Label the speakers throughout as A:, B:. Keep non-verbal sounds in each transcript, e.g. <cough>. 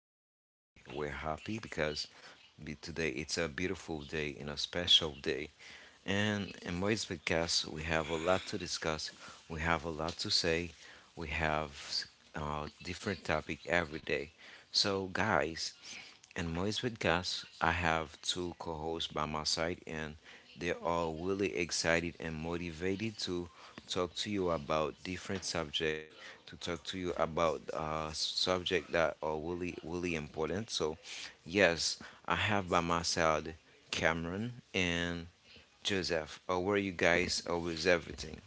A: podcast. Today we're happy because today it's a beautiful day and a special day. And in Moy's podcast, we have a lot to discuss. We have a lot to say. We have different topic every day. So guys, in my podcast, I have two co hosts by my side, and they are really excited and motivated to talk to you about different subject, to talk to you about subject that are really, really important. So, yes, I have by my side Cameron and Joseph. How are you guys? How is everything?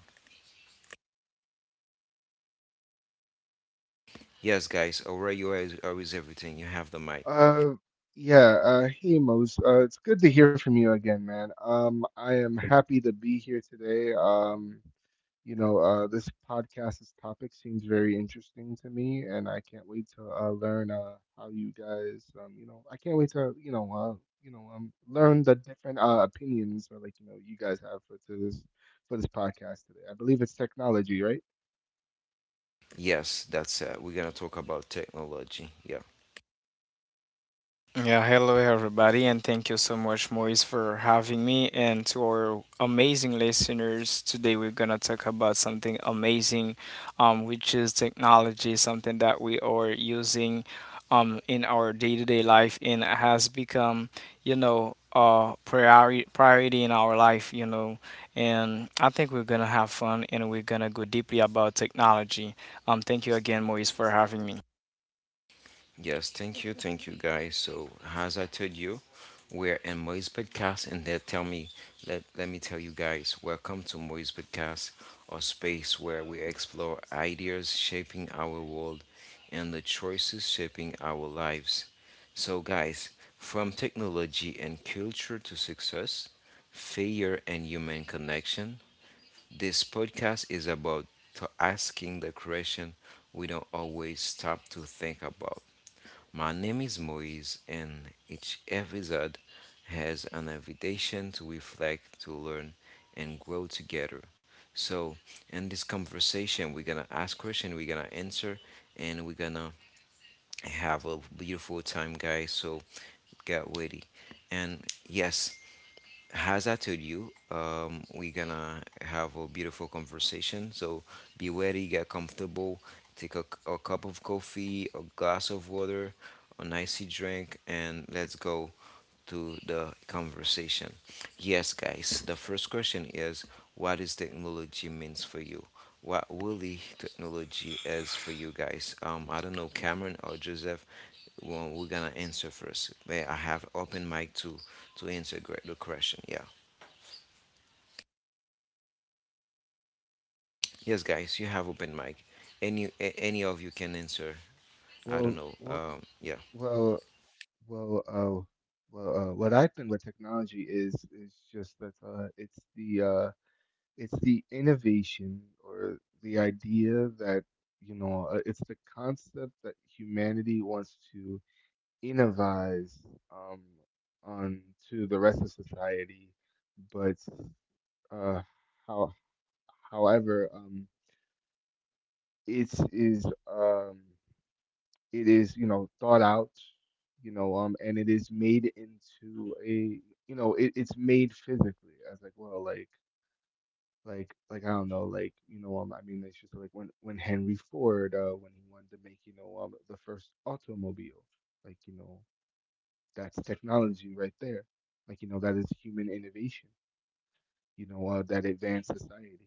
A: Yes, guys, how are you, guys? How is everything? You have the mic.
B: Uh, yeah, hey Mose, it's good to hear from you again, man. I am happy to be here today. This podcast's topic seems very interesting to me, and I can't wait to learn how you guys, I can't wait to, you know, learn the different opinions or you guys have for to this for this podcast today. I believe it's technology, right?
A: Yes, that's it. We're going to talk about technology. Yes.
C: Yeah, hello everybody, and thank you so much, Moise, for having me. And to our amazing listeners, today we're gonna talk about something amazing, which is technology, something that we are using, in our day-to-day life, and has become, a priority in our life. And I think we're gonna have fun, and we're gonna go deeply about technology. Thank you again, Moise, for having me.
A: Yes, thank you guys. So as I told you, we're in Moise Podcast and they tell me let me tell you guys, welcome to Moise Podcast, a space where we explore ideas shaping our world and the choices shaping our lives. So guys, from technology and culture to success, failure and human connection, this podcast is about to asking the question we don't always stop to think about. My name is Moise, and each episode has an invitation to reflect, to learn, and grow together. So, in this conversation, we're gonna ask questions, we're gonna answer, and we're gonna have a beautiful time, guys. So, get ready. And yes, as I told you, we're gonna have a beautiful conversation. So be ready, get comfortable, take a cup of coffee, a glass of water, a icy drink, and let's go to the conversation. Yes, guys. The first question is, what is technology means for you? What really technology is for you guys? I don't know, Cameron or Joseph. Well, we're gonna answer first. May I have open mic to answer the question. Yeah. Yes, guys. You have open mic. Any of you can answer. I don't
B: Well,
A: know.
B: well,
A: Yeah.
B: well. Well, uh, what I think with technology is just that it's the innovation or the idea that it's the concept that humanity wants to innovate, um, on to the rest of society, but uh, how, however, it is um, It is, thought out, and it is made into a, it's made physically as like, well, like I don't know, like, you know, I mean, it's just like when Henry Ford, when he wanted to make, the first automobile, like, you know, that's technology right there, that is human innovation, that advanced society,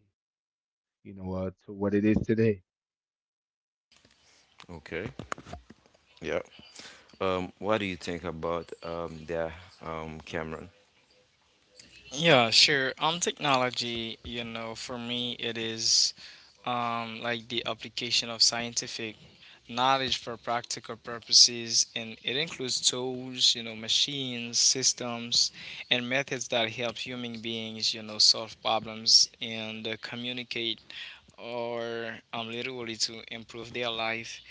B: to what it is today.
A: Okay. Yeah. What do you think about that, Cameron?
C: Yeah, sure. On technology, for me, it is like the application of scientific knowledge for practical purposes, and it includes tools, machines, systems, and methods that help human beings, solve problems and communicate, or literally, to improve their life,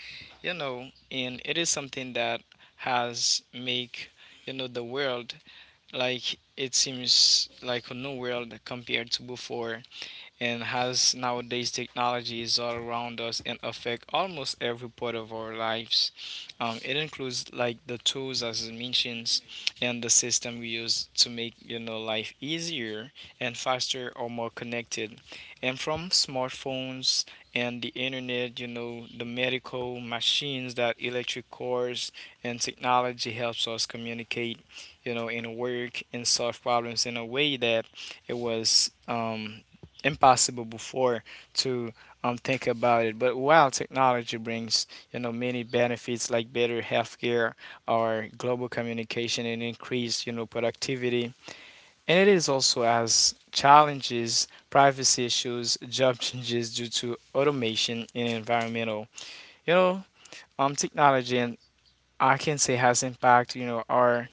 C: you know, and it is something that has make the world, like it seems like a new world compared to before. And has nowadays technology is all around us and affect almost every part of our lives. It includes like the tools as it mentions, and the system we use to make life easier and faster or more connected, and from smartphones and the internet, the medical machines, that electric cars, and technology helps us communicate, and work and solve problems in a way that it was impossible before to think about it. But while technology brings, many benefits like better healthcare or global communication and increased, productivity, and it is also as challenges, privacy issues, <laughs> job changes due to automation and environmental, you know, technology, and I can say has impact, our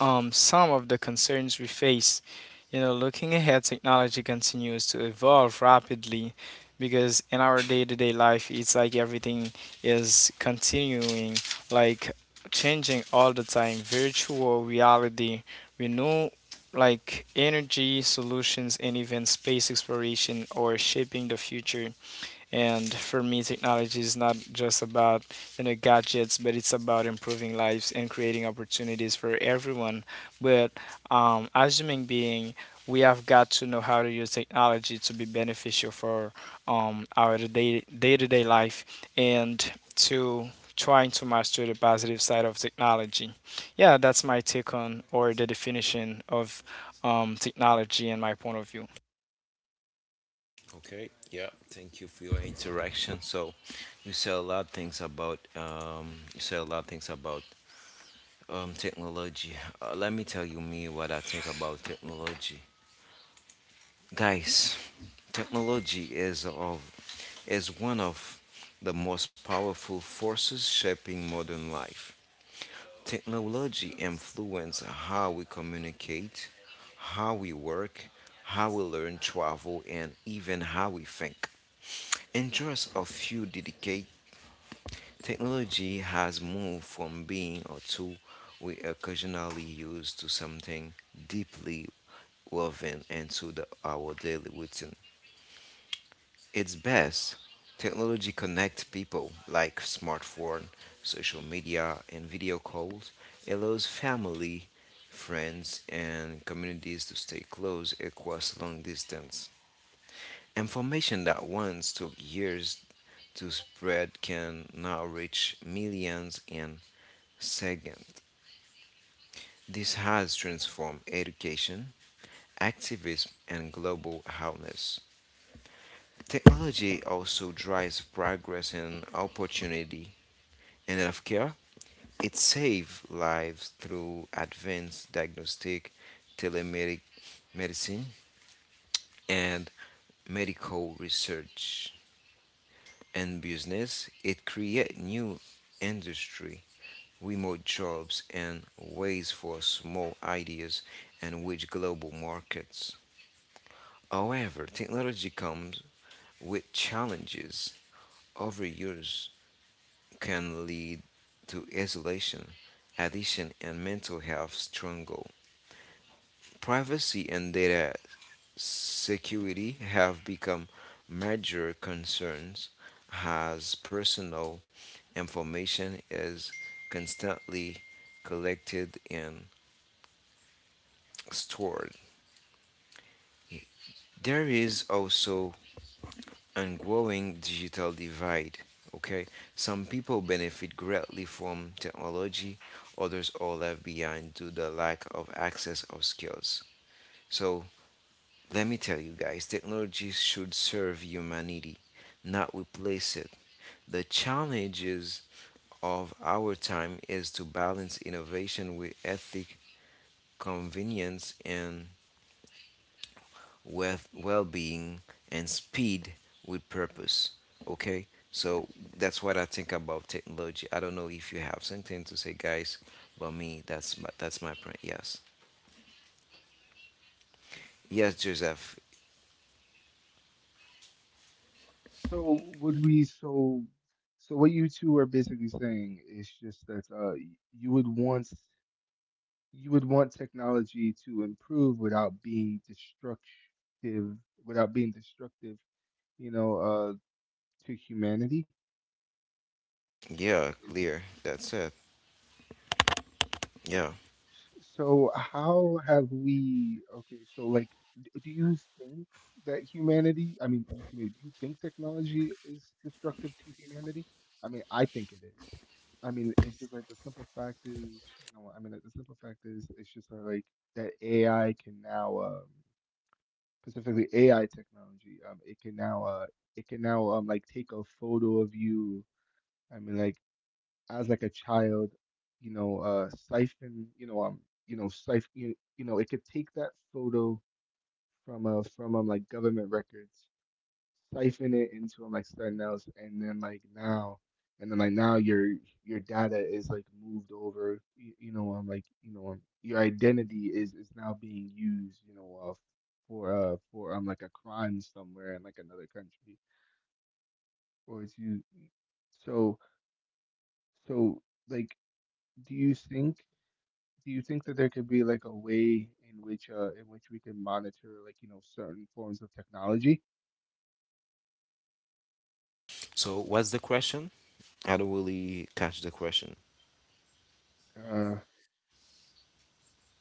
C: some of the concerns we face. Looking ahead, technology continues to evolve rapidly, because in our day-to-day life, it's like everything is continuing, like changing all the time. Virtual reality, renew like energy solutions, and even space exploration or shaping the future. And for me, technology is not just about gadgets, but it's about improving lives and creating opportunities for everyone. But as human being, we have got to know how to use technology to be beneficial for our day day to day life, and to trying to master the positive side of technology. Yeah, that's my take on or the definition of technology, and my point of view.
A: Okay. Yeah. Thank you for your interaction. So, you said a lot of things about technology. Let me tell you me what I think about technology, guys. Technology is one of the most powerful forces shaping modern life. Technology influences how we communicate, how we work, how we learn, travel, and even how we think. In just a few dedicated technology has moved from being a tool we occasionally use to something deeply woven into our daily routine. It's best technology connects people like smartphone, social media, and video calls, allows family, friends, and communities to stay close across long distance. Information that once took years to spread can now reach millions in second, this has transformed education, activism, and global awareness. Technology also drives progress and opportunity in healthcare. It saves lives through advanced diagnostic, telemedic medicine, and medical research. And business, it creates new industry, remote jobs, and ways for small ideas and which global markets. However, technology comes with challenges. Overuse can lead to isolation, addiction, and mental health struggle. Privacy and data security have become major concerns as personal information is constantly collected and stored. There is also and growing digital divide. Okay, some people benefit greatly from technology, others are left behind due to the lack of access or skills. So, let me tell you guys technology should serve humanity, not replace it. The challenges of our time is to balance innovation with ethic, convenience, and with well-being and speed with purpose. Okay, so that's what I think about technology. I don't know if you have something to say, guys, but me, that's my point. Yes, yes, Joseph.
B: So would we so so what you two are basically saying is just that you would want, you would want technology to improve without being destructive, without being destructive, you know, uh to humanity.
A: Yeah,
B: Is.
A: clear, that's it. Yeah.
B: So how have we, okay, so like, do you think that humanity, I mean, excuse me, do you think technology is destructive to humanity? I mean, I think it is. I mean, it's just like the simple fact is, you know, I mean, like, the simple fact is, it's just like that AI can now, specifically AI technology, it can now, like take a photo of you. I mean, like as like a child, siphon, siphon, it could take that photo from like government records, siphon it into like something else, and then like now your data is like moved over, like your identity is now being used, for like a crime somewhere in like another country, or it's you. So, so like, do you think, that there could be like a way in which we can monitor like certain forms of technology?
A: So, what's the question? I don't really catch the question.
B: Uh,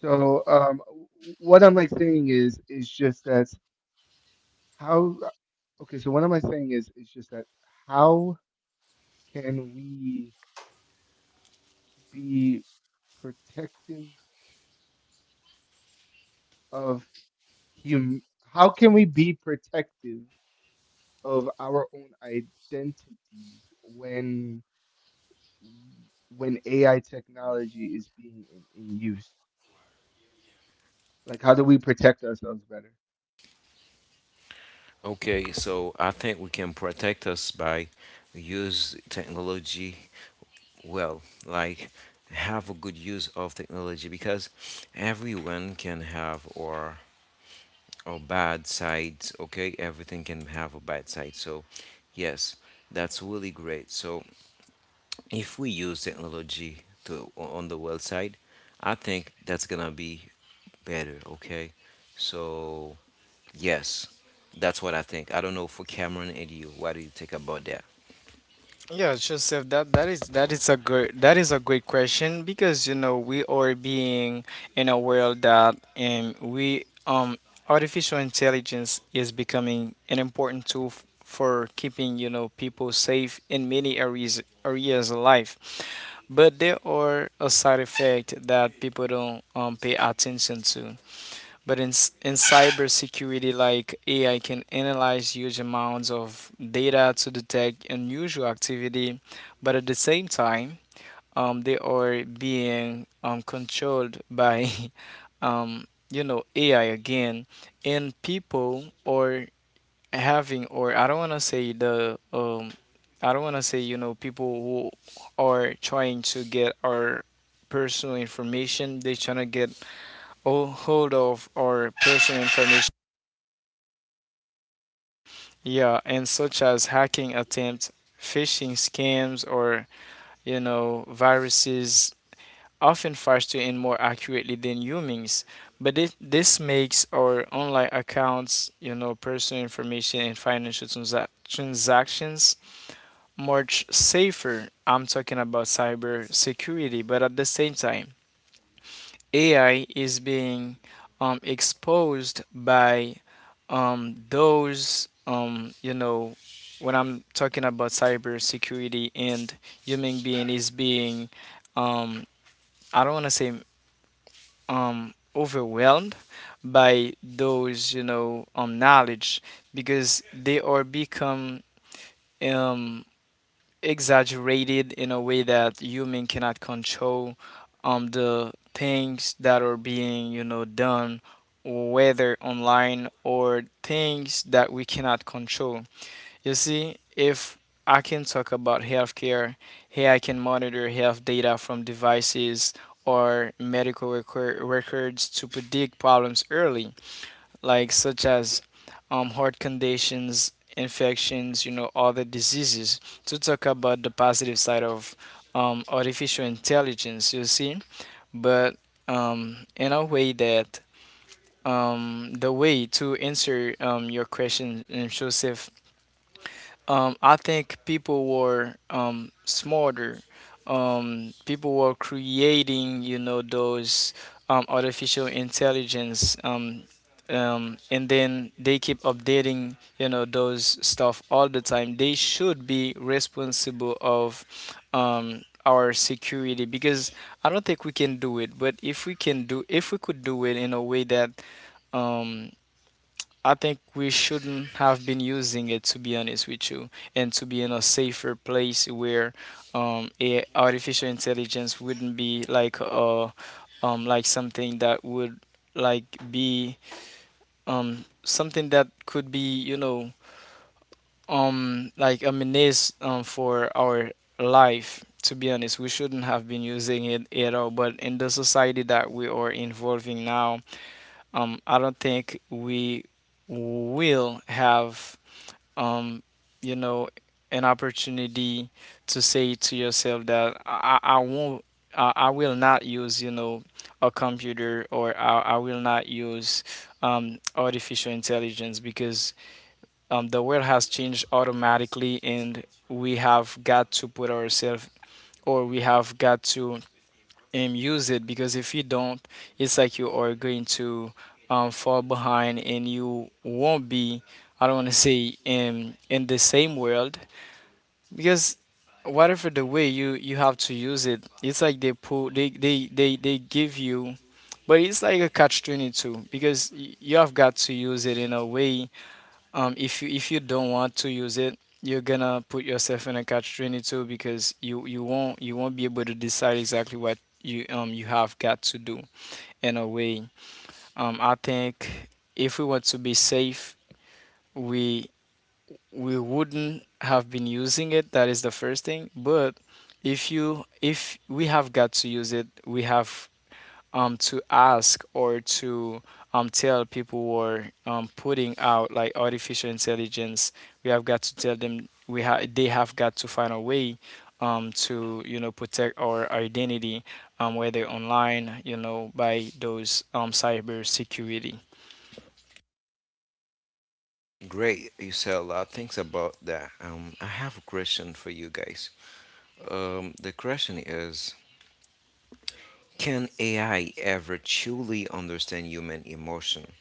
B: so w- what am I saying is just that how. Okay. So what am I saying is just that how can we be protective of hum how can we be protective of our own identities when AI technology is being in use? Like, how do we protect ourselves better?
A: Okay, so I think we can protect us by use technology well, like have a good use of technology because everyone can have or bad sides. Okay, everything can have a bad side. So, yes, that's really great. So, if we use technology to on the well side, I think that's gonna be better. Okay, so yes, that's what I think. I don't know for Cameron and you. What do you think about that?
C: Yeah, Joseph, that that is a good that is a great question, because we are being in a world that we artificial intelligence is becoming an important tool for keeping people safe in many areas of life, but there are a side effect that people don't pay attention to. But in cybersecurity, like AI can analyze huge amounts of data to detect unusual activity, but at the same time, they are being controlled by, <laughs> AI again, and people are having, or I don't want to say people who are trying to get our personal information. They're trying to get all hold of our personal information. Yeah, and such as hacking attempts, phishing scams, or viruses, often faster and more accurately than humans. But this makes our online accounts, personal information, and financial transactions much safer. I'm talking about cyber security, but at the same time, AI is being exposed by those, when I'm talking about cybersecurity, and human being is being, um, I don't want to say, overwhelmed by those, knowledge, because they are become um, exaggerated in a way that human cannot control the things that are being done, whether online, or things that we cannot control. You see, if I can talk about healthcare here, I can monitor health data from devices or medical records to predict problems early, like such as heart conditions, infections, other diseases. To talk about the positive side of artificial intelligence, you see, but in a way that the way to answer your question, Joseph, I think people were smarter. People were creating, those artificial intelligence, and then they keep updating, those stuff all the time. They should be responsible of our security, because I don't think we can do it. But if we can do, if we could do it in a way that um, I think we shouldn't have been using it, to be honest with you, and to be in a safer place where a artificial intelligence wouldn't be like a like something that would like be something that could be like a menace for our life. To be honest, we shouldn't have been using it at all. But in the society that we are involving now, I don't think we will have um, you know, an opportunity to say to yourself that I won't, I will not use, a computer, or I will not use artificial intelligence, because the world has changed automatically, and we have got to put ourselves, or we have got to and use it, because if you don't, it's like you are going to fall behind, and you won't be, I don't want to say, in the same world, because whatever the way you have to use it, it's like they pull, they give you, but it's like a catch 22 because you have got to use it in a way. If you don't want to use it, you're gonna put yourself in a catch 22, because you won't, you won't be able to decide exactly what you you have got to do, in a way. I think if we want to be safe, we we wouldn't have been using it. That is the first thing. But if you if we have got to use it, we have to ask, or to tell people who are putting out like artificial intelligence, we have got to tell them, we have they have got to find a way to protect our identity, whether online, by those cyber security.
A: Great, you said a lot of things about that. I have a question for you guys. The question is, can AI ever truly understand human emotion?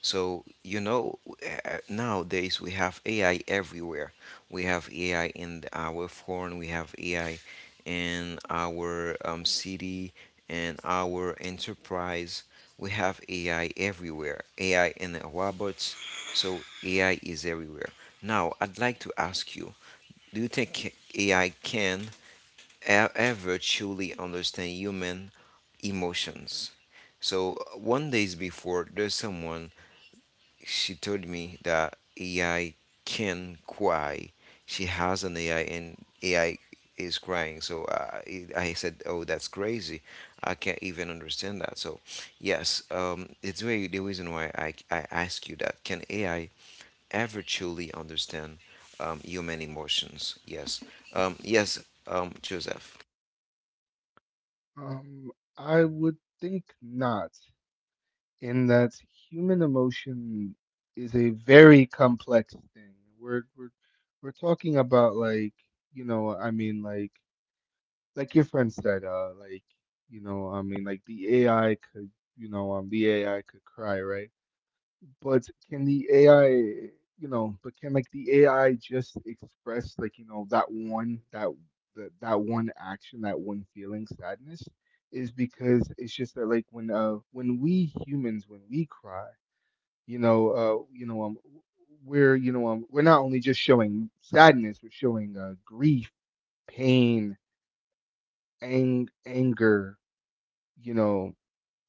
A: So, nowadays we have AI everywhere. We have AI in our phone, we have AI in our city, in our enterprise. We have AI everywhere, AI in the robots. So, AI is everywhere. Now, I'd like to ask you, do you think AI can ever truly understand human emotions. So one days before, there's someone, she told me that AI can cry. She has an AI and AI is crying. So I said, "Oh, that's crazy. I can't even understand that." So yes, it's really the reason why I ask you that. Can AI ever truly understand human emotions? Yes, yes, Joseph.
B: Um, I would think not, in that human emotion is a very complex thing. We're we're we're talking about you know, I mean, like like, your friend said, like the AI could, the AI could cry, right? But can the AI, but can like the AI just express that one action, that one feeling, sadness. Is because it's just that like when we humans when we cry, you know, uh you know um we're we're not only just showing sadness, we're showing grief, pain, anger, you know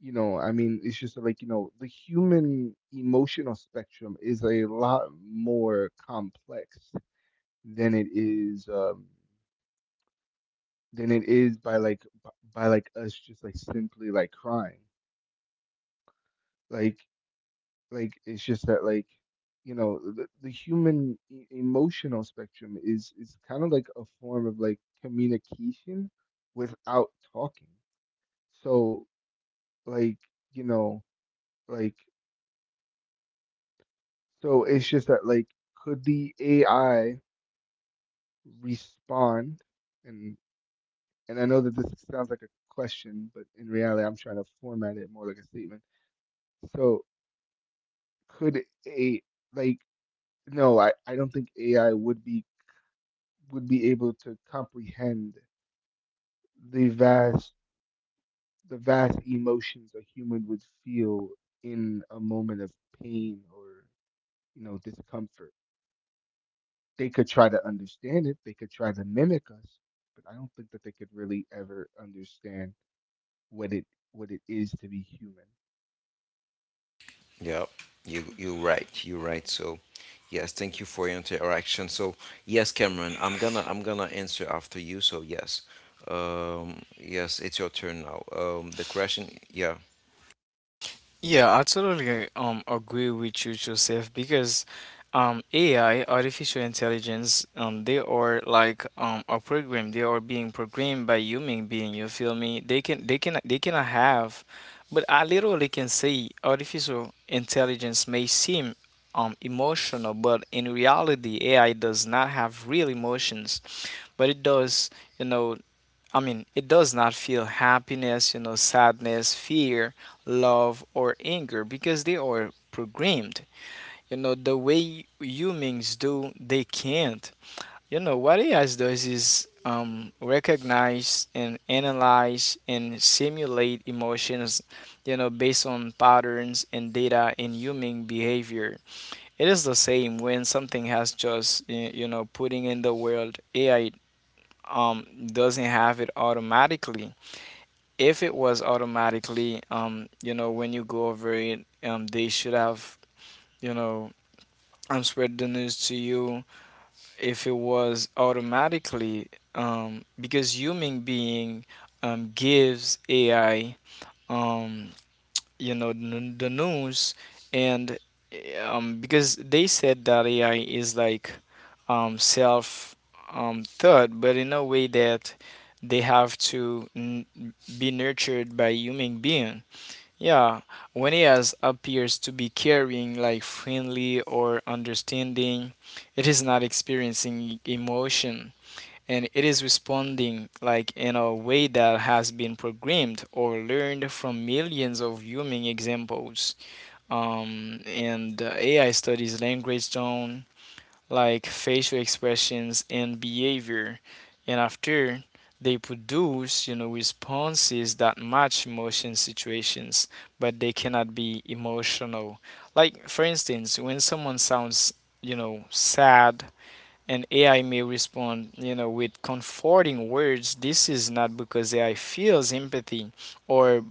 B: you know, I mean, it's just like, you know, the human emotional spectrum is a lot more complex than it is um than it is by like us just like simply like crying. Like it's just that like the human e emotional spectrum is kind of like a form of like communication without talking. So like, you know, like so it's just that like, could the AI respond? and and I know that this sounds like a question, but in reality I'm trying to format it more like a statement. So could a like no, I don't think AI would be, would be able to comprehend the vast, the vast emotions a human would feel in a moment of pain or discomfort. They could try to understand it, they could try to mimic us, but I don't think that they could really ever understand what it, what it is to be human.
A: Yeah, you right, you right. So, yes, thank you for your interaction. So, yes, Cameron, I'm gonna answer after you. So, yes, yes, it's your turn now. The question, yeah.
C: Yeah, I totally agree with you, Joseph, because AI, artificial intelligence, they are like a program. They are being programmed by human being, you feel me? They cannot have, but I literally can say artificial intelligence may seem emotional, but in reality AI does not have real emotions. But you know, it does not feel happiness, sadness, fear, love, or anger, because they are programmed. The way humans do, they can't. What AI does is recognize and analyze and simulate emotions, based on patterns and data in human behavior. It is the same when something has just, putting in the world, AI doesn't have it automatically. If it was automatically, when you go over it, they should have, you know, spread the news to you. If it was automatically, because human being gives AI, um, the news, and because they said that AI is like self thought, but in a way that they have to be nurtured by human being. Yeah, when he has appears to be caring, like friendly or understanding, it is not experiencing emotion, and it is responding like in a way that has been programmed or learned from millions of human examples. And AI studies language tone, like facial expressions and behavior. And after, they produce, responses that match emotion situations, but they cannot be emotional. Like, for instance, when someone sounds, sad, and AI may respond, with comforting words. This is not because AI feels empathy, or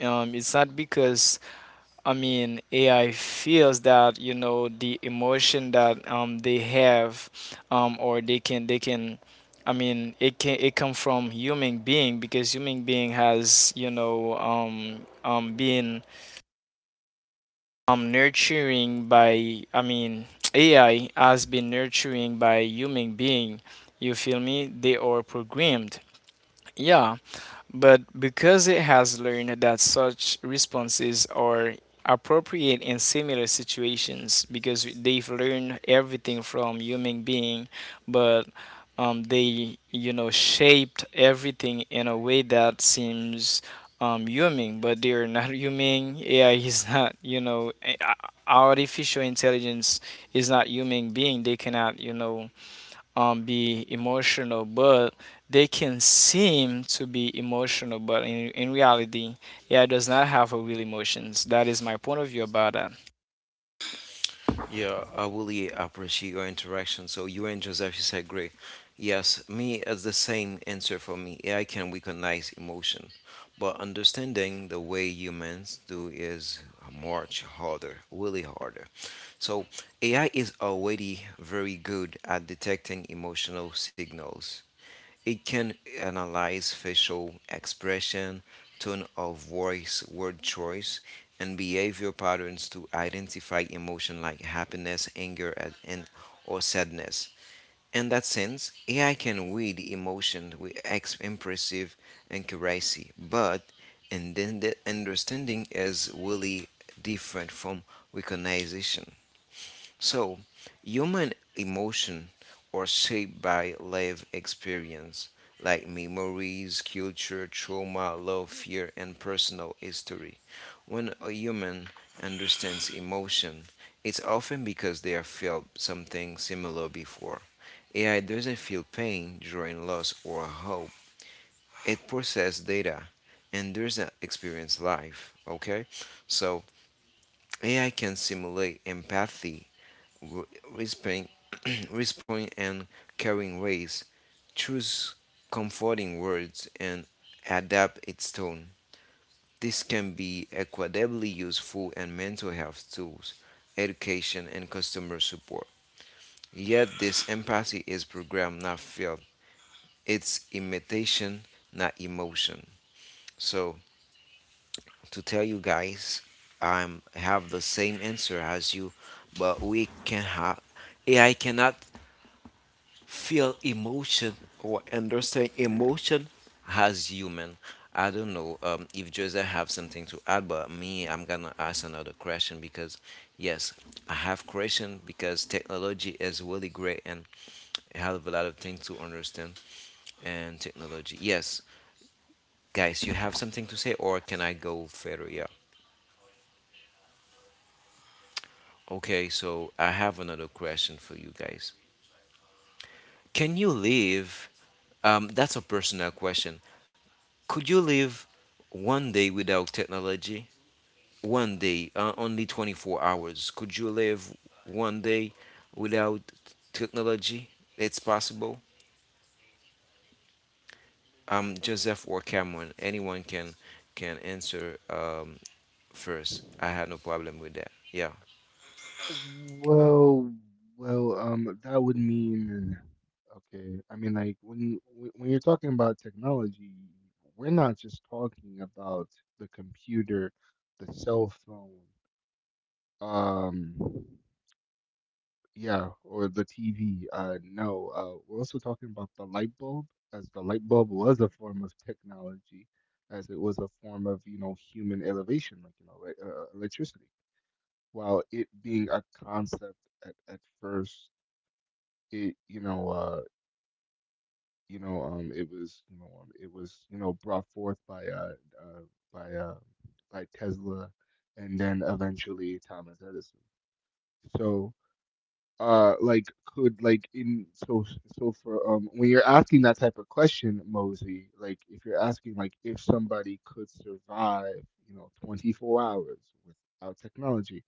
C: it's not because I mean, AI feels that the emotion that they have, or I mean it come from human being, because human being has been nurturing by, I mean, <tsk> AI has been nurturing by human being. You feel me? They are programmed. Yeah. But because it has learned that such responses are appropriate in similar situations, because they've learned everything from human being, but they, shaped everything in a way that seems human, but they are not human. AI is <laughs> not, artificial intelligence is not human being. They cannot, be emotional, but they can seem to be emotional, but in reality, yeah, does not have a real emotions. That is my point of view about that.
A: Yeah, I really appreciate your interaction. So you and Joseph is agree. Yes, me it's the same answer for me. AI can recognize emotion, but understanding the way humans do is much harder, really harder. So AI is already very good at detecting emotional signals. It can analyze facial expression, tone of voice, word choice, and behavior patterns to identify emotion like happiness, anger, or sadness. In that sense, AI can read emotion with impressive accuracy, but and then the understanding is really different from recognition. So, human emotion are shaped by life experience, like memories, culture, trauma, love, fear, and personal history. When a human understands emotion, it's often because they have felt something similar before. AI doesn't feel pain during loss or hope. It processes data and doesn't experience life. Okay? So AI can simulate empathy, wh- whispering, <clears throat> whispering and caring ways, choose comforting words, and adapt its tone. This can be equitably useful in mental health tools, education, and customer support. Yet, this empathy is programmed, not felt. It's imitation, not emotion. So, to tell you guys, I have the same answer as you, but we can have AI cannot feel emotion or understand emotion as human. I don't know if Joseph have something to add, but me, I'm gonna ask another question because yes, I have question because technology is really great and I have a lot of things to understand and technology. Yes, guys, you have something to say or can I go further? Yeah. Okay, so I have another question for you guys. Can you live? That's a personal question. Could you live one day without technology? One day, only 24 hours. Could you live one day without technology? It's possible. Joseph or Cameron, anyone can answer first. I had no problem with that. Yeah.
B: Well, that would mean, okay, I mean, like when you're talking about technology, we're not just talking about the computer, the cell phone, um. Yeah, or the TV. No, we're also talking about the light bulb, as the light bulb was a form of technology, as it was a form of, human elevation, electricity. While it being a concept at first, it, you know, it was, you know, it was, you know, brought forth uh, by, uh, by Tesla, and then eventually Thomas Edison. So. Like could like in so so for When you're asking that type of question, Mosey, like if you're asking like if somebody could survive 24 hours without technology,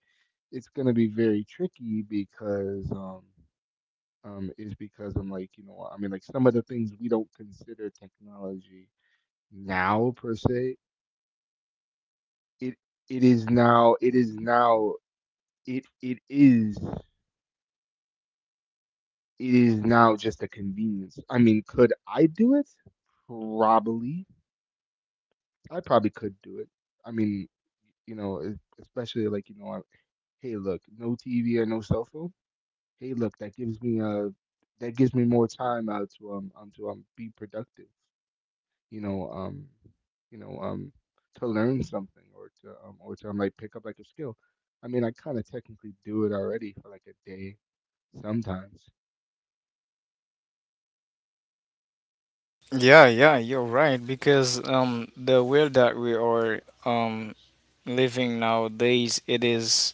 B: it's gonna be very tricky because is because I'm like some of the things we don't consider technology now per se, it it is now it is now it it is now just a convenience. I mean, could I do it? Probably. I probably could do it. I mean, you know, e- especially like, you know, I, hey, look, no TV or no cell phone. Hey, look, that gives me more time out to be productive. You know, um, you know, um, to learn something or to like pick up like a skill. I mean, I kind of technically do it already for like a day sometimes.
C: Yeah, yeah, you're right, because the world that we are um living nowadays, it is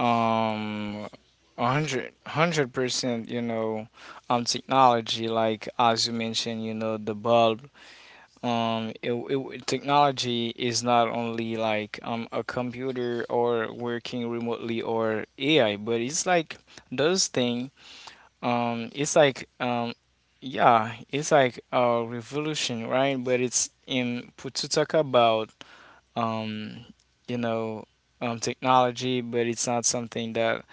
C: um a hundred percent, technology, like as you mentioned, you know, the bulb. Technology is not only like a computer or working remotely or AI, but it's like those thing. It's like Yeah, it's like a revolution, right? But it's in put to talk about, um, you know, technology, but it's not something that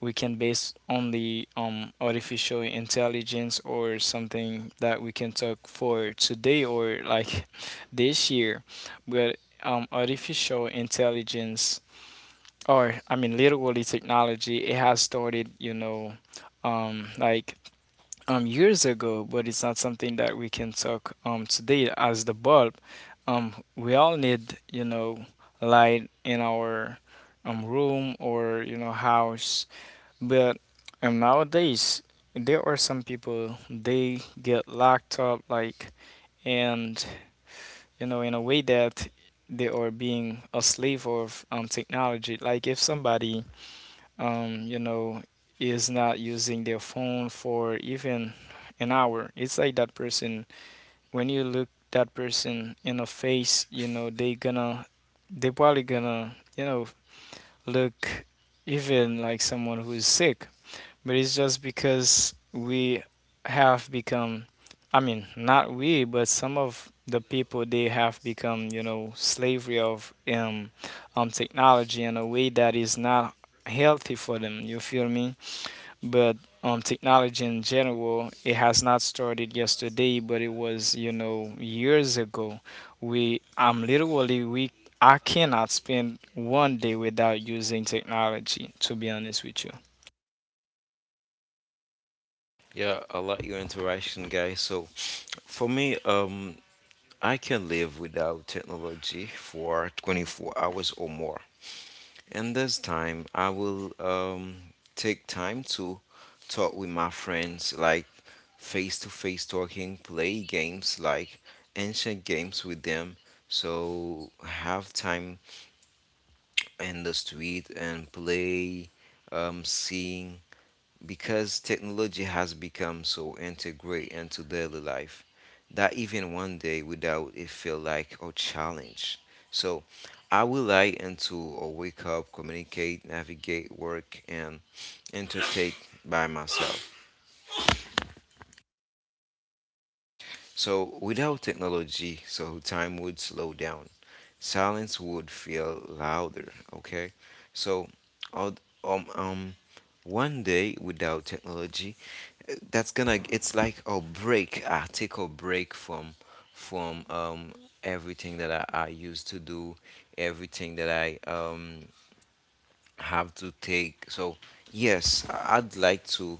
C: we can base only on artificial intelligence, or something that we can talk for today or like <laughs> this year. But artificial intelligence, or I mean, literally technology, it has started, you know, um, like years ago, but it's not something that we can talk today as the bulb. We all need, you know, light in our room or you know house, but nowadays there are some people they get locked up like and you know in a way that they are being a slave of technology. Like if somebody, um, you know, is not using their phone for even an hour, it's like that person, when you look that person in the face, you know, they gonna, they probably gonna, you know, look even like someone who is sick. But it's just because we have become, I mean not we, but some of the people they have become, you know, slavery of technology in a way that is not healthy for them. You feel me? But technology in general, it has not started yesterday, but it was you know years ago. We i'm literally we I cannot spend one day without using technology, to be honest with you.
A: Yeah, I like your interaction, guys. So, for me, I can live without technology for 24 hours or more. And this time, I will take time to talk with my friends, like face to face talking, play games, like ancient games with them. So have time in the street and play, sing, because technology has become so integrated into daily life that even one day without it feel like a challenge. So I will lie into or wake up, communicate, navigate, work and entertain by myself. So, without technology, so time would slow down. Silence would feel louder, okay? So, al- um, um, one day without technology, that's gonna, it's like a break. I take a break from, everything that I used to do, everything that I, have to take. So, yes, I'd like to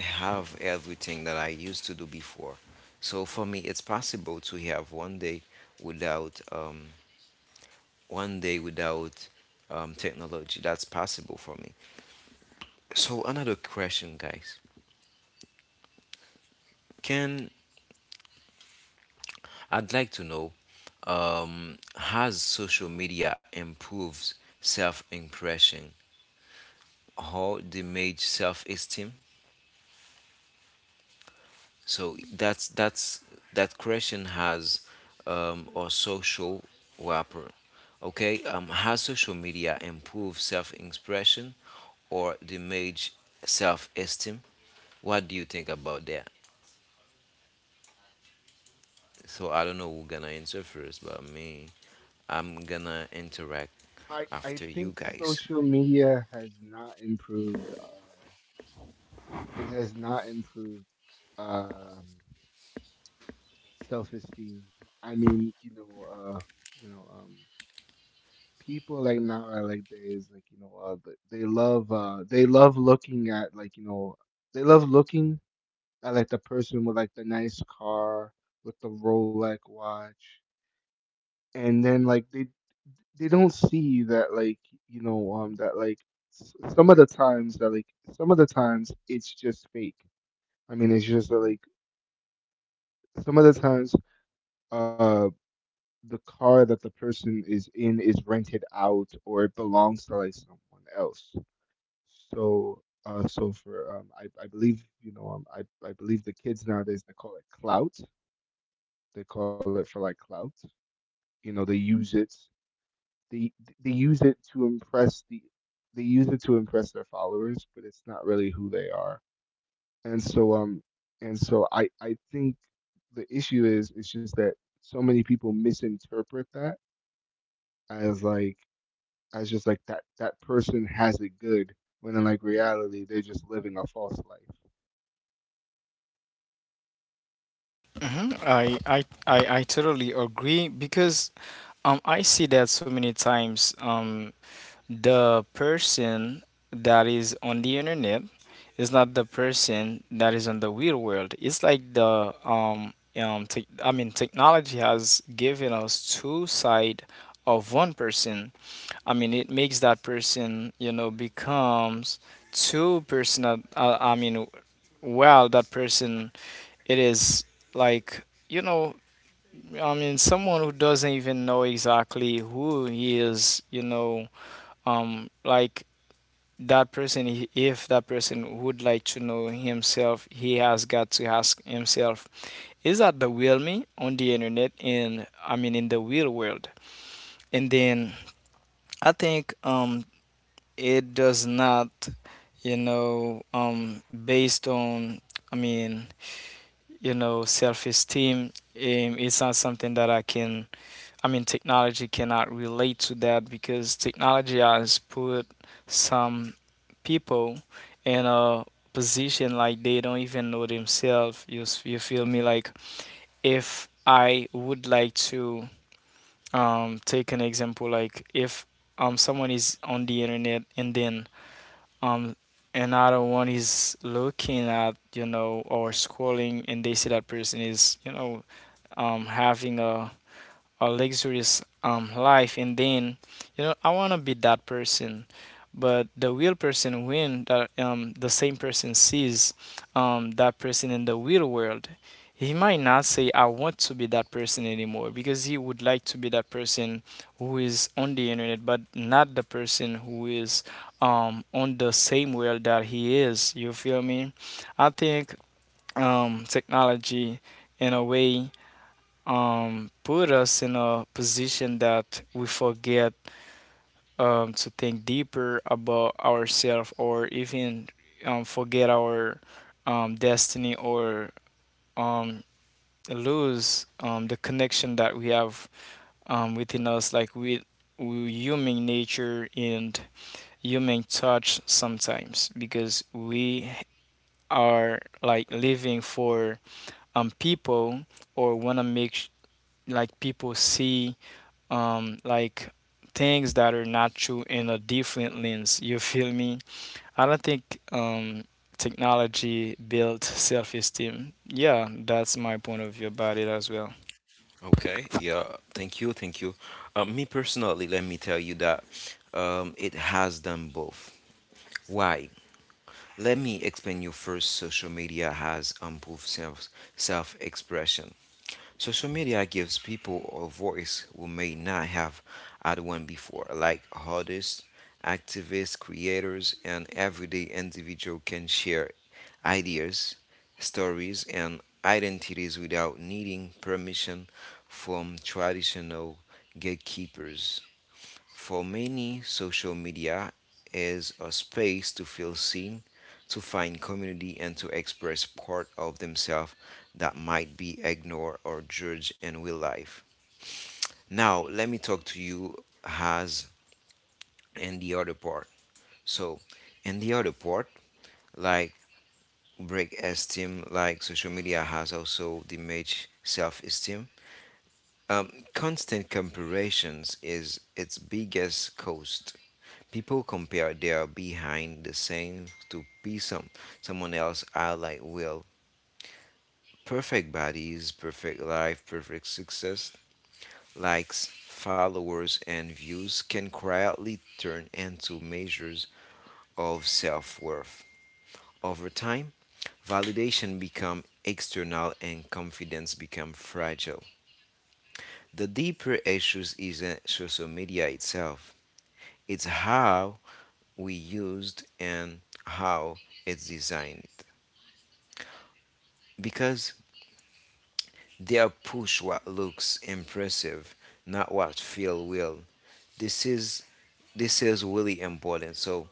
A: have everything that I used to do before. So for me, it's possible to have without um, one day without technology. That's possible for me. So another question, guys. Can I'd like to know has social media improved self impression or damaged self esteem? So that's that question has or social wrapper. Okay, has social media improved self-expression or damage self-esteem? What do you think about that? So I don't know who's gonna answer first, but me, I'm gonna interact
B: I
A: after you
B: think
A: guys.
B: social media has not improved. It has not improved um, self-esteem. I mean, you know, um, people like now are like days they love looking at like they love looking at like the person with like the nice car with the Rolex watch, and then like they don't see that like you know um that like some of the times that like some of the times it's just fake. I mean, it's just like some of the times uh the car that the person is in is rented out or it belongs to like someone else. So I believe I believe the kids nowadays they call it clout. They call it for like clout you know they use it They they use it to impress they use it to impress their followers, but it's not really who they are. And so I think the issue is it's just that so many people misinterpret that as like, as just like that that person has it good when in like reality they're just living a false life.
C: Mhm. I totally agree because I see that so many times the person that is on the internet is not the person that is on the real world. It's like the, tech I mean technology has given us two side of one person. I mean, it makes that person, you know, becomes too personal. I mean, well, that person, it is like, you know, I mean, someone who doesn't even know exactly who he is, you know, um, like that person, if that person would like to know himself, he has got to ask himself, is that the real me on the internet? And I mean, in the real world. And then I think it does not, based on, I mean, you know, self-esteem, it's not something that I can, I mean technology cannot relate to that, because technology has put some people in a position like they don't even know themselves. You feel me? Like if I would like to take an example, like if someone is on the internet, and then um, another one is looking at, you know, or scrolling, and they see that person is, you know, having a luxurious life, and then, you know, I want to be that person. But the real person, when that the same person sees that person in the real world, he might not say I want to be that person anymore, because he would like to be that person who is on the internet, but not the person who is on the same world that he is. You feel me? I think technology in a way put us in a position that we forget to think deeper about ourselves, or even forget our destiny, or um, lose the connection that we have within us, like with human nature and human touch sometimes, because we are like living for people, or want to make people see um like things that are not true, in a different lens. You feel me? I don't think technology builds self-esteem. Yeah, that's my point of view about it as well.
A: Okay, yeah, thank you, thank you. Me personally, let me tell you that it has done both. Why? Let me explain you first. Social media has improved self expression. Social media gives people a voice who may not have had one before, like artists, activists, creators, and everyday individual can share ideas, stories, and identities without needing permission from traditional gatekeepers. For many, social media is a space to feel seen, to find community, and to express part of themselves that might be ignored or judged in real life. Now, let me talk to you as in the other part. So, in the other part, like break esteem, like social media has also damaged self esteem. Constant comparisons is its biggest cause. People compare their behind the scenes to be someone else I like will. Perfect bodies, perfect life, perfect success, likes, followers and views can quietly turn into measures of self-worth. Over time, validation become external and confidence become fragile. The deeper issues isn't social media itself. It's how we used and how it's designed, because they are push what looks impressive, not what feel real. This is this is really important. So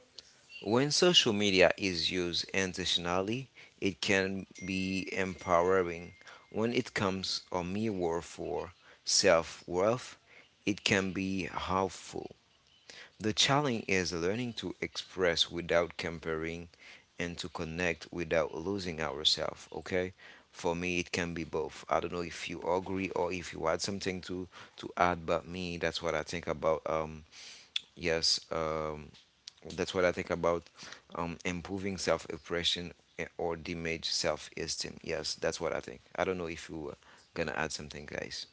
A: when social media is used intentionally, it can be empowering. When it comes a mirror for self worth, it can be harmful. The challenge is learning to express without comparing and to connect without losing ourselves, okay? For me, it can be both. I don't know if you agree or if you had something to add, but me, that's what I think about. Yes, that's what I think about improving self-expression or damage self-esteem. Yes, that's what I think. I don't know if you were gonna add something, guys.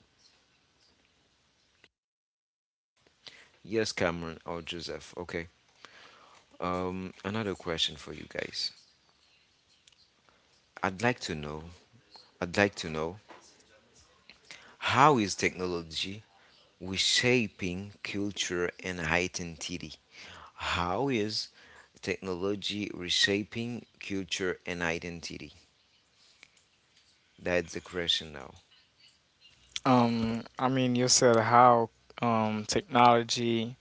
A: Yes, Cameron or Joseph. Okay. Another question for you guys. I'd like to know, I'd like to know how is technology reshaping culture and identity? How is technology reshaping culture and identity? That's the question now.
C: I mean, you said how technology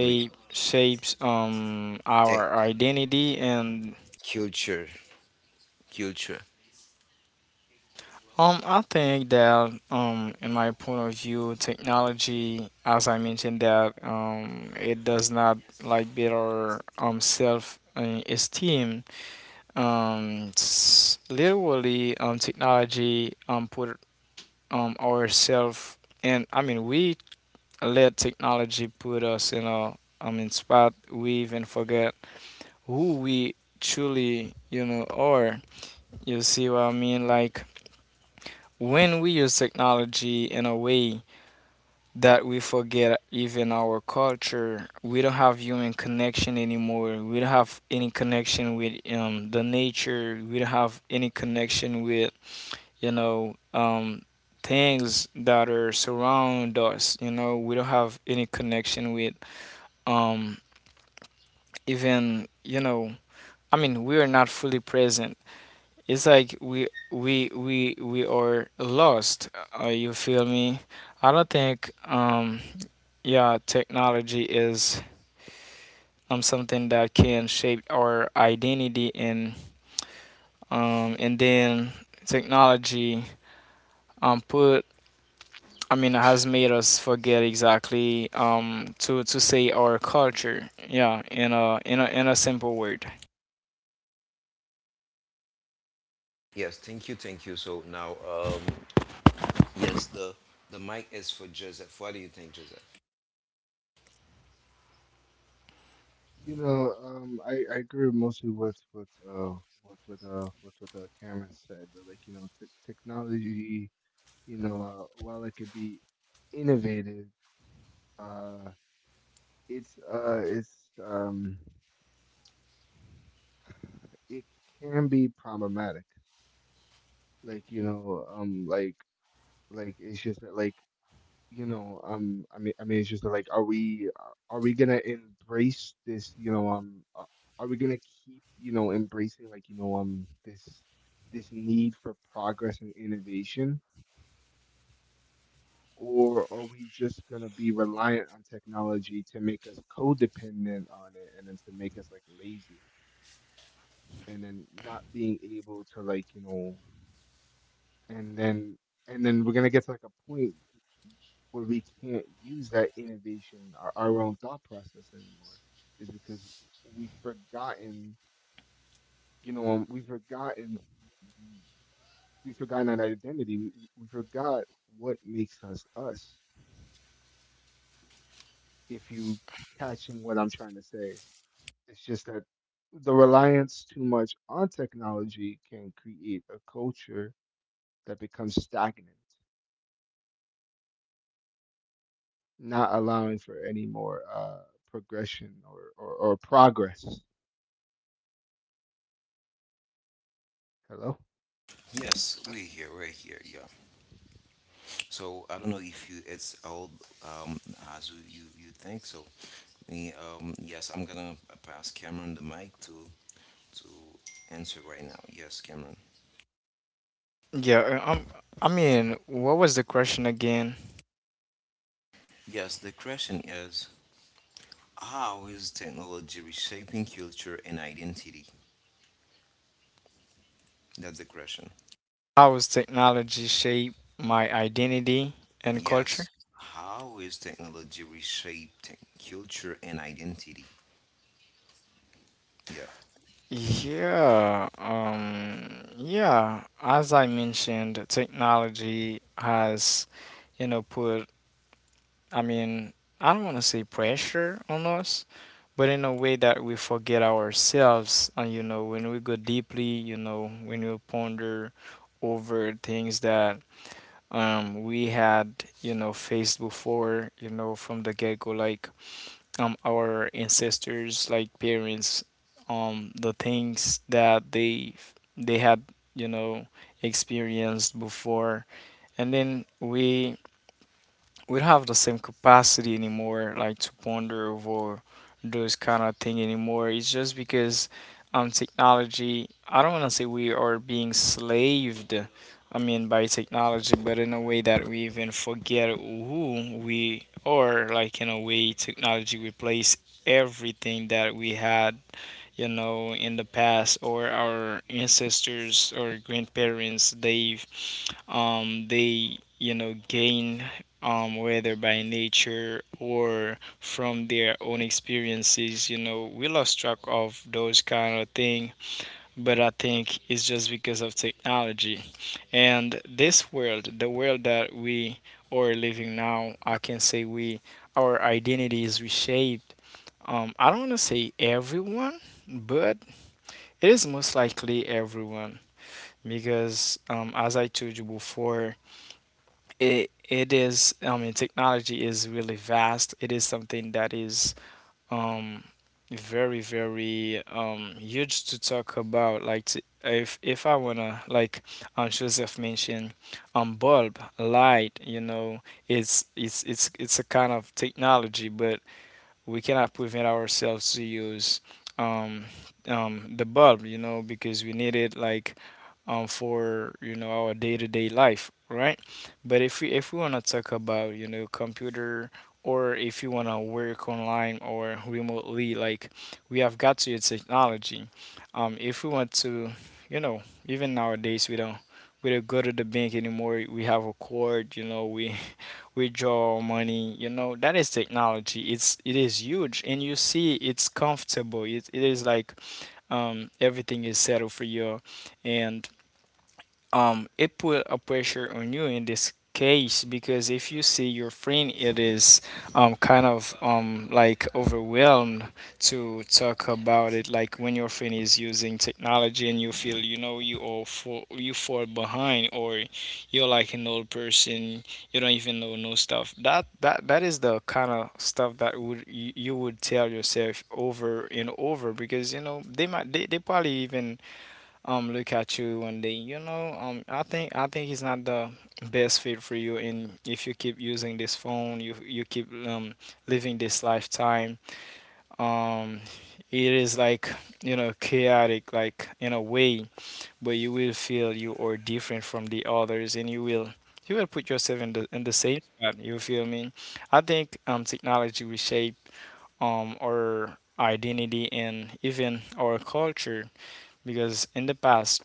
A: Re-
C: shapes
A: tech
C: our identity and...
A: culture, culture.
C: I think that in my point of view, technology, as I mentioned, that it does not like better self, esteem. Literally, technology put ourself, and I mean we let technology put us in a, I mean, spot we even forget who we truly, you know, are. You see what I mean? Like when we use technology in a way that we forget even our culture. We don't have human connection anymore. We don't have any connection with the nature. We don't have any connection with you know um, things that are surround us. You know, we don't have any connection with um, even you know. I mean, we are not fully present. It's like we are lost. You feel me? I don't think yeah technology is something that can shape our identity, and then technology put, I mean has made us forget exactly to say our culture. Yeah, in a simple word.
A: Yes, thank you, thank you. So now, yes, the mic is for Joseph. What do you think, Joseph?
B: I agree mostly with what Cameron said. Like you know, technology, while it could be innovative, uh, it's um, it can be problematic. Like you know, um, like it's just that, it's just that, like, are we gonna embrace this? Are we gonna keep embracing this need for progress and innovation? Or are we just going to be reliant on technology to make us codependent on it and then to make us like lazy and then not being able to like, and then and then we're going to get to like a point where we can't use that innovation, our own thought process anymore. Is because We've forgotten, you know, um, we've forgotten we've forgotten that identity. We forgot what makes us us. If you catching what I'm trying to say, it's just that the reliance too much on technology can create a culture that becomes stagnant, not allowing for any more progression or progress. Hello?
A: Yes, we're here, yeah. So I don't know if you it's old, um, as you think so. Yeah, yes, I'm gonna pass Cameron the mic to answer right now. Yes, Cameron.
C: Yeah, I mean, what was the question again?
A: Yes, the question is how is technology reshaping culture and identity? That's the question.
C: How has technology shaped my identity and culture?
A: Yes, how is technology reshaping culture and identity? Yeah.
C: Yeah, yeah. As I mentioned, technology has, you know, put, I mean, I don't want to say pressure on us, but in a way that we forget ourselves. And, you know, when we go deeply, you know, when we ponder over things that we had, you know, faced before, you know, from the get go, like our ancestors, like parents, the things that they had, you know, experienced before, and then we don't have the same capacity anymore, like to ponder over those kind of thing anymore. It's just because technology. I don't want to say we are being slaved, I mean, by technology, but in a way that we even forget who we are. Like in a way, technology replaced everything that we had, you know, in the past. Or our ancestors or grandparents, they've they you know gain, whether by nature or from their own experiences, you know, we lost track of those kind of thing. But I think it's just because of technology. And this world, the world that we are living now, I can say we, our identity is reshaped. I don't want to say everyone, but it is most likely everyone, because, as I told you before, it is. I mean, technology is really vast. It is something that is um, very, very, huge to talk about. Like, if I wanna, like Joseph mentioned, bulb light. You know, it's a kind of technology, but we cannot prevent ourselves to use um, the bulb, you know, because we need it like for you know our day-to-day life, right? But if we want to talk about, you know, computer, or if you want to work online or remotely, like we have got to use technology. If we want to, you know, even nowadays we don't, we don't go to the bank anymore. We have a card, you know, we withdraw money, you know, that is technology. It's it is huge, and you see it's comfortable. It is like everything is settled for you. And it put a pressure on you in this case, because if you see your friend, it is like overwhelmed to talk about it, like when your friend is using technology and you feel, you know, you all fall, you fall behind, or you're like an old person, you don't even know no stuff. That is the kind of stuff that would you, you would tell yourself over and over, because you know they might they probably even look at you one day. You know, I think it's not the best fit for you. And if you keep using this phone, you keep living this lifetime, um it is like, you know, chaotic like in a way, but you will feel you are different from the others, and you will, you will put yourself in the same spot. You feel me? I think technology reshape our identity and even our culture, because in the past,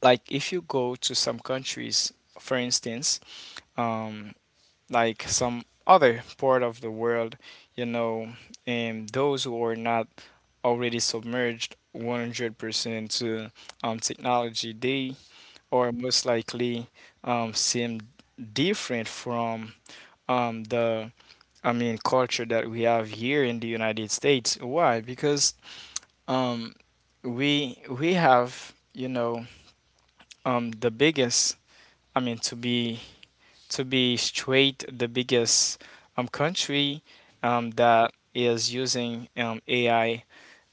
C: like if you go to some countries, for instance, um, like some other part of the world, you know, and those who are not already submerged 100% into technology, they are most likely seem different from the, I mean culture that we have here in the United States. Why? Because um, we have the biggest, I mean, to be to be straight, the biggest, country that is using, AI,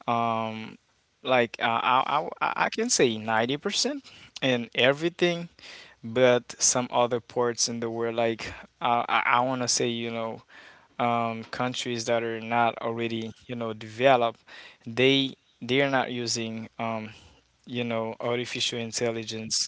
C: um, I can say 90% in everything. But some other parts in the world, like I want to say, countries that are not already developed, they are not using, artificial intelligence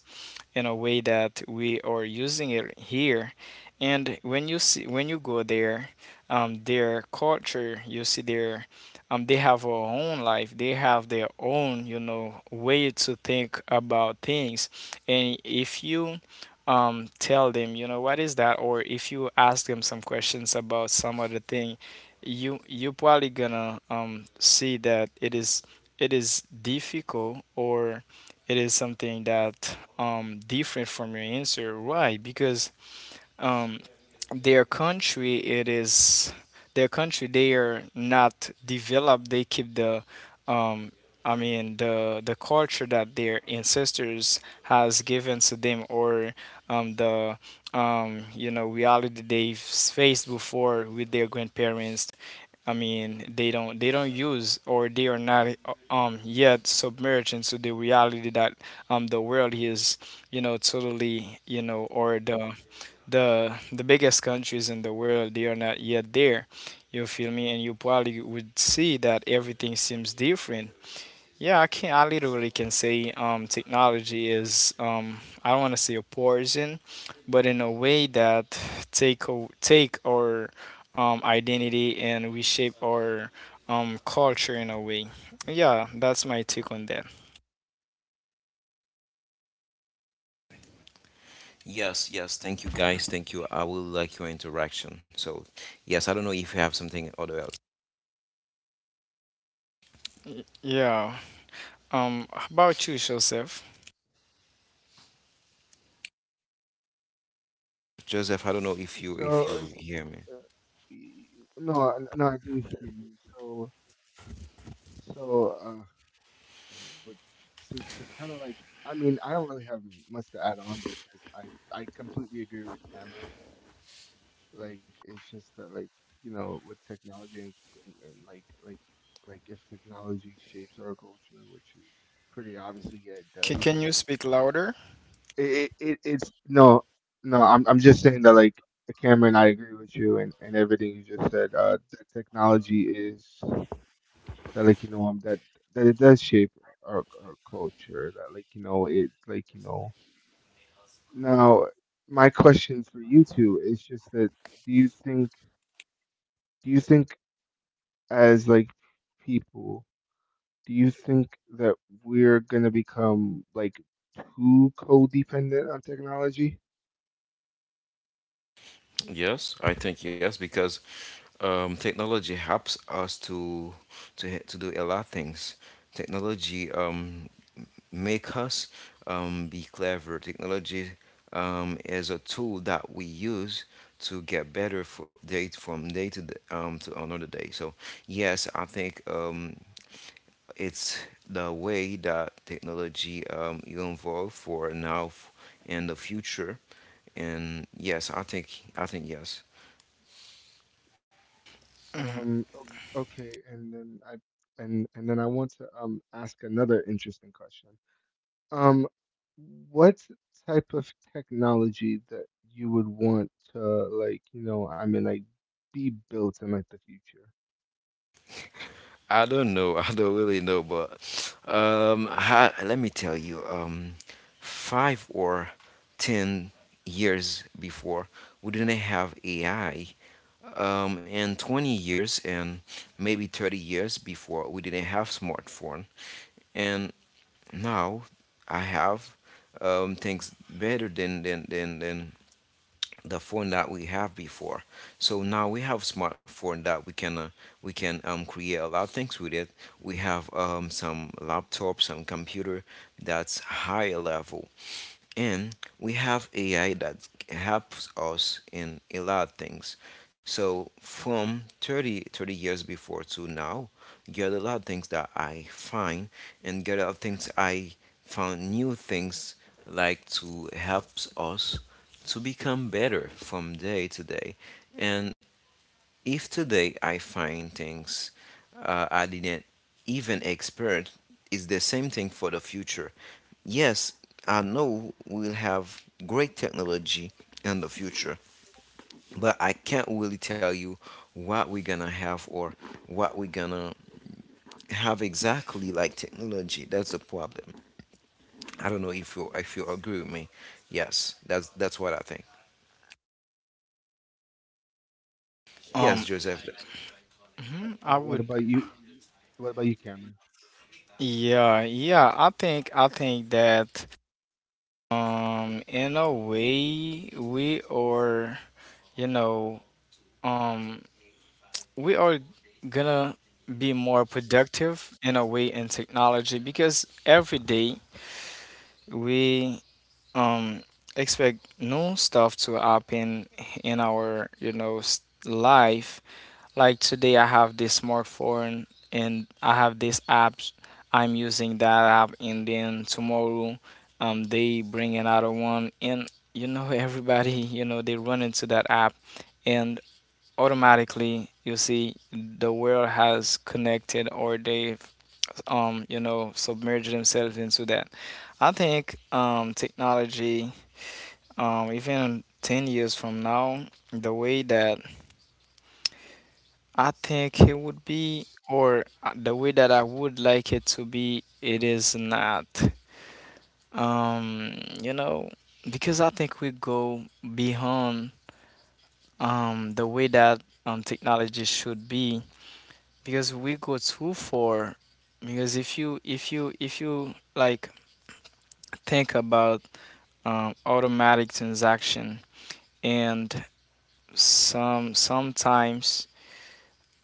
C: in a way that we are using it here. And when you go there, their culture, you see their they have their own life. They have their own, way to think about things. And if you tell them, what is that, or if you ask them some questions about some other thing, you probably gonna see that it is difficult, or it is something that different from your answer. Why? Because um, their country, it is their country, they are not developed. They keep the um the culture that their ancestors has given to them, or the reality they've faced before with their grandparents. I mean, they don't, they don't use, or they are not yet submerged into the reality that the world is, totally, or the the biggest countries in the world, they are not yet there. You feel me? And you probably would see that everything seems different. Yeah, I can I literally can say technology is, I don't want to say a poison, but in a way that take our identity and reshape our culture in a way. Yeah, that's my take on that.
A: Yes, yes. Thank you, guys. Thank you. I will like your interaction. So, yes, I don't know if you have something other else.
C: Yeah. Um, how about you, Joseph?
A: Joseph, I don't know if
B: So,
A: you hear me.
B: y- no, no, I do hear you. So, so, but to kind of like, I mean, I don't really have much to add on because I completely agree with Cameron. Like it's just that like You know with technology and, if technology shapes our culture, which is pretty obviously, yeah it
C: can,
B: does.
C: can you speak louder?
B: It it's no no I'm I'm just saying that like Cameron, I agree with you and everything you just said. That technology is, that like you know that that it does shape our culture. That like you know it like you know Now my question for you two is just that, do you think, do you think as like people, do you think that we're gonna become like too codependent on technology?
A: Yes, I think yes, because technology helps us to to do a lot of things. Technology make us be clever. Technology is a tool that we use to get better for day from day to day, to another day. So yes, I think it's the way that technology will evolve for now and the future. And yes, I think yes.
C: Mhm.
B: Okay, and then I want to ask another interesting question. Um, what type of technology that you would want to like be built in like the future?
A: I don't know. <laughs> I don't really know, but let me tell you, 5 or 10 years before, we didn't have AI. And 20 years and maybe 30 years before, we didn't have smartphone. And now I have things better than the phone that we have before. So now we have smartphone that we can create a lot of things with it. We have some laptop, some computer that's higher level and we have AI that helps us in a lot of things. So from 30 30 years before to now, get a lot of things that I find and get a lot of things I found new things like to helps us to become better from day to day. And if today I find things I didn't even expert, it's the same thing for the future. Yes, I know we'll have great technology in the future, but I can't really tell you what we're gonna have or what we're gonna have exactly like technology. That's the problem. I don't know if you agree with me. Yes, that's what I think. Yes,
C: Um,
A: Joseph.
C: I
B: What
C: would,
B: about you? What about you, Cameron?
C: yeah, yeah. I think that in a way we are, you know, um we are gonna be more productive in a way in technology, because every day we um expect new stuff to happen in our, life. Like today, I have this smartphone and I have this app. I'm using that app, and then tomorrow, they bring another one, and <laughs> everybody, they run into that app, and automatically you see the world has connected, or they've submerged themselves into that. I think technology, even 10 years from now, the way that I think it would be, or the way that I would like it to be, it is not. Um, you know, because I think we go beyond the way that technology should be, because we go too far. Because if you like think about automatic transaction, and sometimes.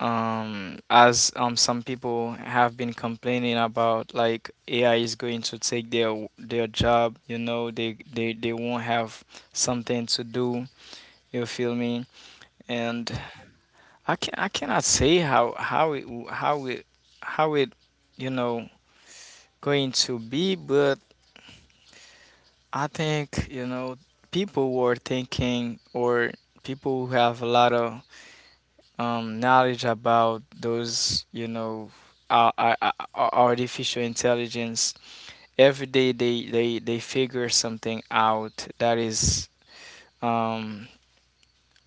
C: As some people have been complaining about, like, AI is going to take their job. You know, they won't have something to do. You feel me? And I cannot say how it w- how it how it you know, going to be. But I think, you know, people were thinking, or people who have a lot of knowledge about those, you know, artificial intelligence. Every day they figure something out that is, um,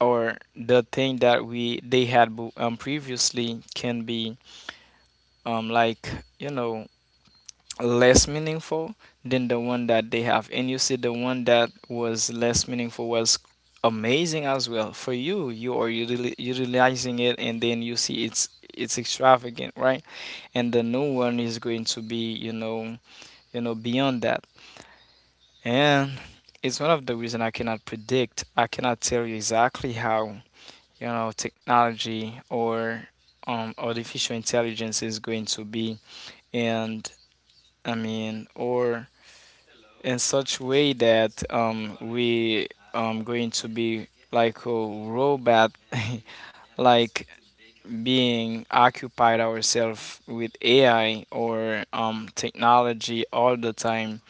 C: or the thing that we they had bu- previously can be um, like, you know, less meaningful than the one that they have. And you see, the one that was less meaningful was amazing as well. For you, you are utilizing it, and then you see it's extravagant, right? And the new one is going to be, beyond that. And it's one of the reason I cannot predict. I cannot tell you exactly how, you know, technology or artificial intelligence is going to be, and I mean, or in such way that we going to be like a robot, <laughs> like being occupied ourselves with AI or technology all the time.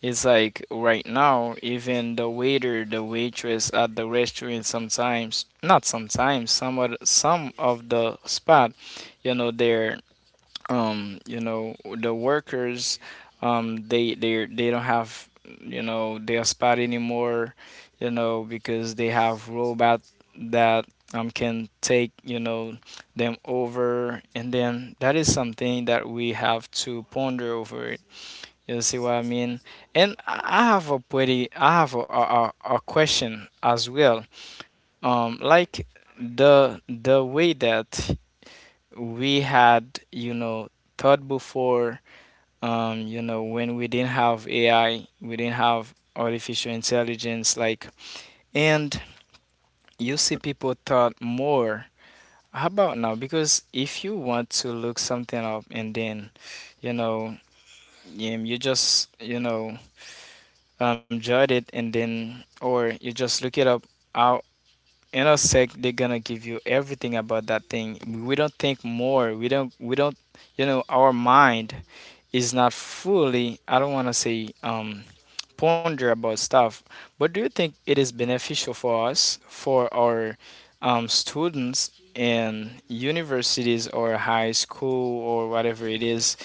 C: It's like right now, even the waiter, the waitress at the restaurant sometimes, not sometimes, some of the spot, you know, they're the workers they don't have, you know, their spot anymore, you know, because they have robot that can, take you know, them over. And then that is something that we have to ponder over it. You see what I mean? And I have a pretty, I have a question as well. Like the way that we had, you know, thought before, you know, when we didn't have AI, we didn't have artificial intelligence, like. And you see, people thought more. How about now? Because if you want to look something up, and then, you know, you just, you know, jot it, and then, or you just look it up in a sec, they're gonna give you everything about that thing. We don't think more. We don't, we don't, you know, our mind is not fully, I don't want to say, ponder about stuff. But do you think it is beneficial for us, for our students in universities or high school, or whatever it is?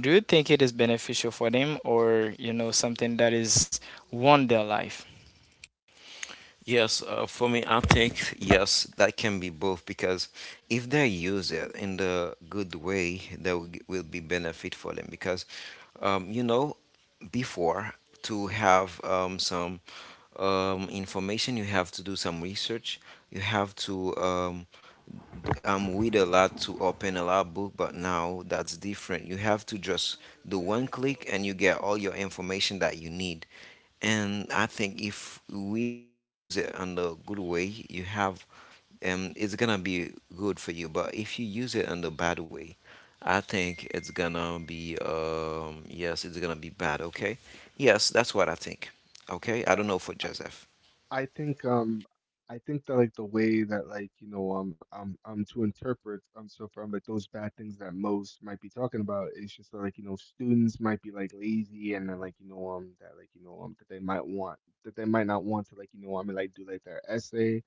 C: Do you think it is beneficial for them, or you know, something that is ruin their life?
A: Yes, for me, I think yes, that can be both because if they use it in the good way, there will be benefit for them. Because, you know, before to have some information, you have to do some research. You have to we a lot to open a lot book, but now that's different. You have to just do one click and you get all your information that you need. And I think if we each use it in the good way, you have, it's gonna be good for you. But if you use it in the bad way, I think it's gonna be, yes, it's gonna be bad. Okay, yes, that's what I think. Okay, I don't know for Joseph.
B: I think um I think that like the way that like to interpret so from like those bad things that most might be talking about is just that, like you know students might be like lazy and then that that they might want, that they might not want to like do like their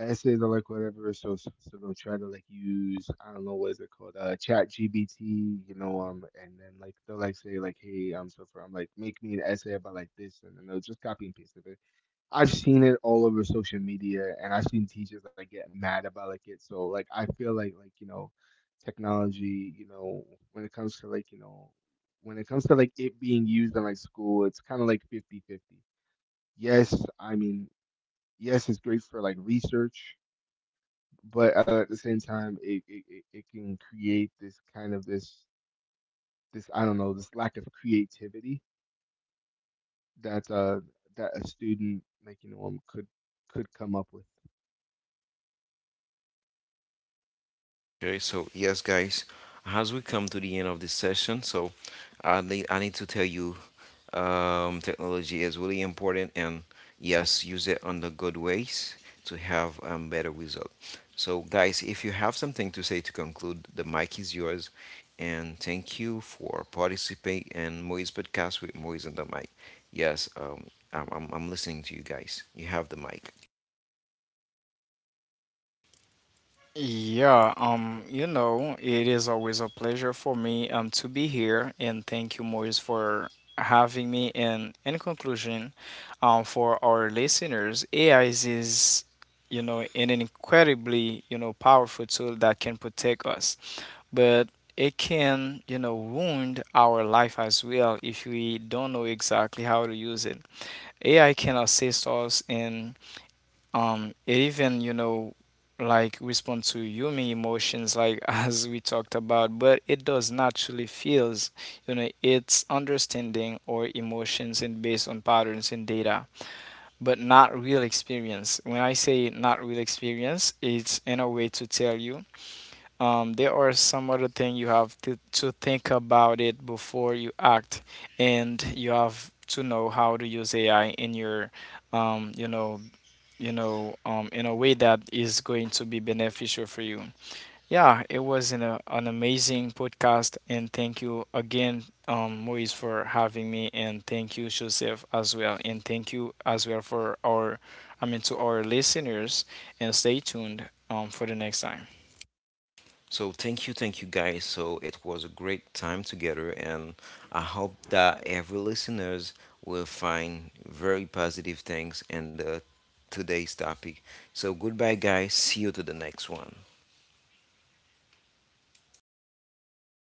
B: essays or like whatever. So they'll try to like use, I don't know what is it called, Chat GBT, and then like they'll like say like, hey, so from like make me an essay about like this, and then they'll just copy and paste it. I've seen it all over social media, and I've seen teachers like get mad about like it. So like I feel like technology, when it comes to like when it comes to like it being used in like school, it's kind of like 50-50. Yes, I mean, yes, it's great for like research, but at the same time, it can create this kind of this, this, I don't know, this lack of creativity that that a student could come up with.
A: Okay, so yes, guys, as we come to the end of this session, so I need to tell you technology is really important and yes, use it on the good ways to have better result. So, guys, if you have something to say to conclude, the mic is yours. And thank you for participating in Moise podcast with Moise on the mic. Yes, I'm listening to you guys. You have the mic.
C: Yeah, you know, it is always a pleasure for me to be here, and thank you, Maurice, for having me. And in conclusion, for our listeners, AI is, you know, an incredibly, you know, powerful tool that can protect us, but it can, you know, wound our life as well if we don't know exactly how to use it. AI can assist us in it, even, you know, like respond to human emotions, like <laughs> as we talked about, but it does naturally feels, you know, it's understanding or emotions, and based on patterns and data, but not real experience. When I say not real experience, it's in a way to tell you, there are some other thing you have to think about it before you act. And you have to know how to use AI in your um, you know in a way that is going to be beneficial for you. Yeah, it was an amazing podcast, and thank you again, Moise, for having me, and thank you, Joseph, as well, and thank you as well for our, I mean, to our listeners, and stay tuned, for the next time.
A: So thank you guys. So it was a great time together, and I hope that every listeners will find very positive things in the today's topic. So goodbye, guys. See you to the next one.
B: By everyone.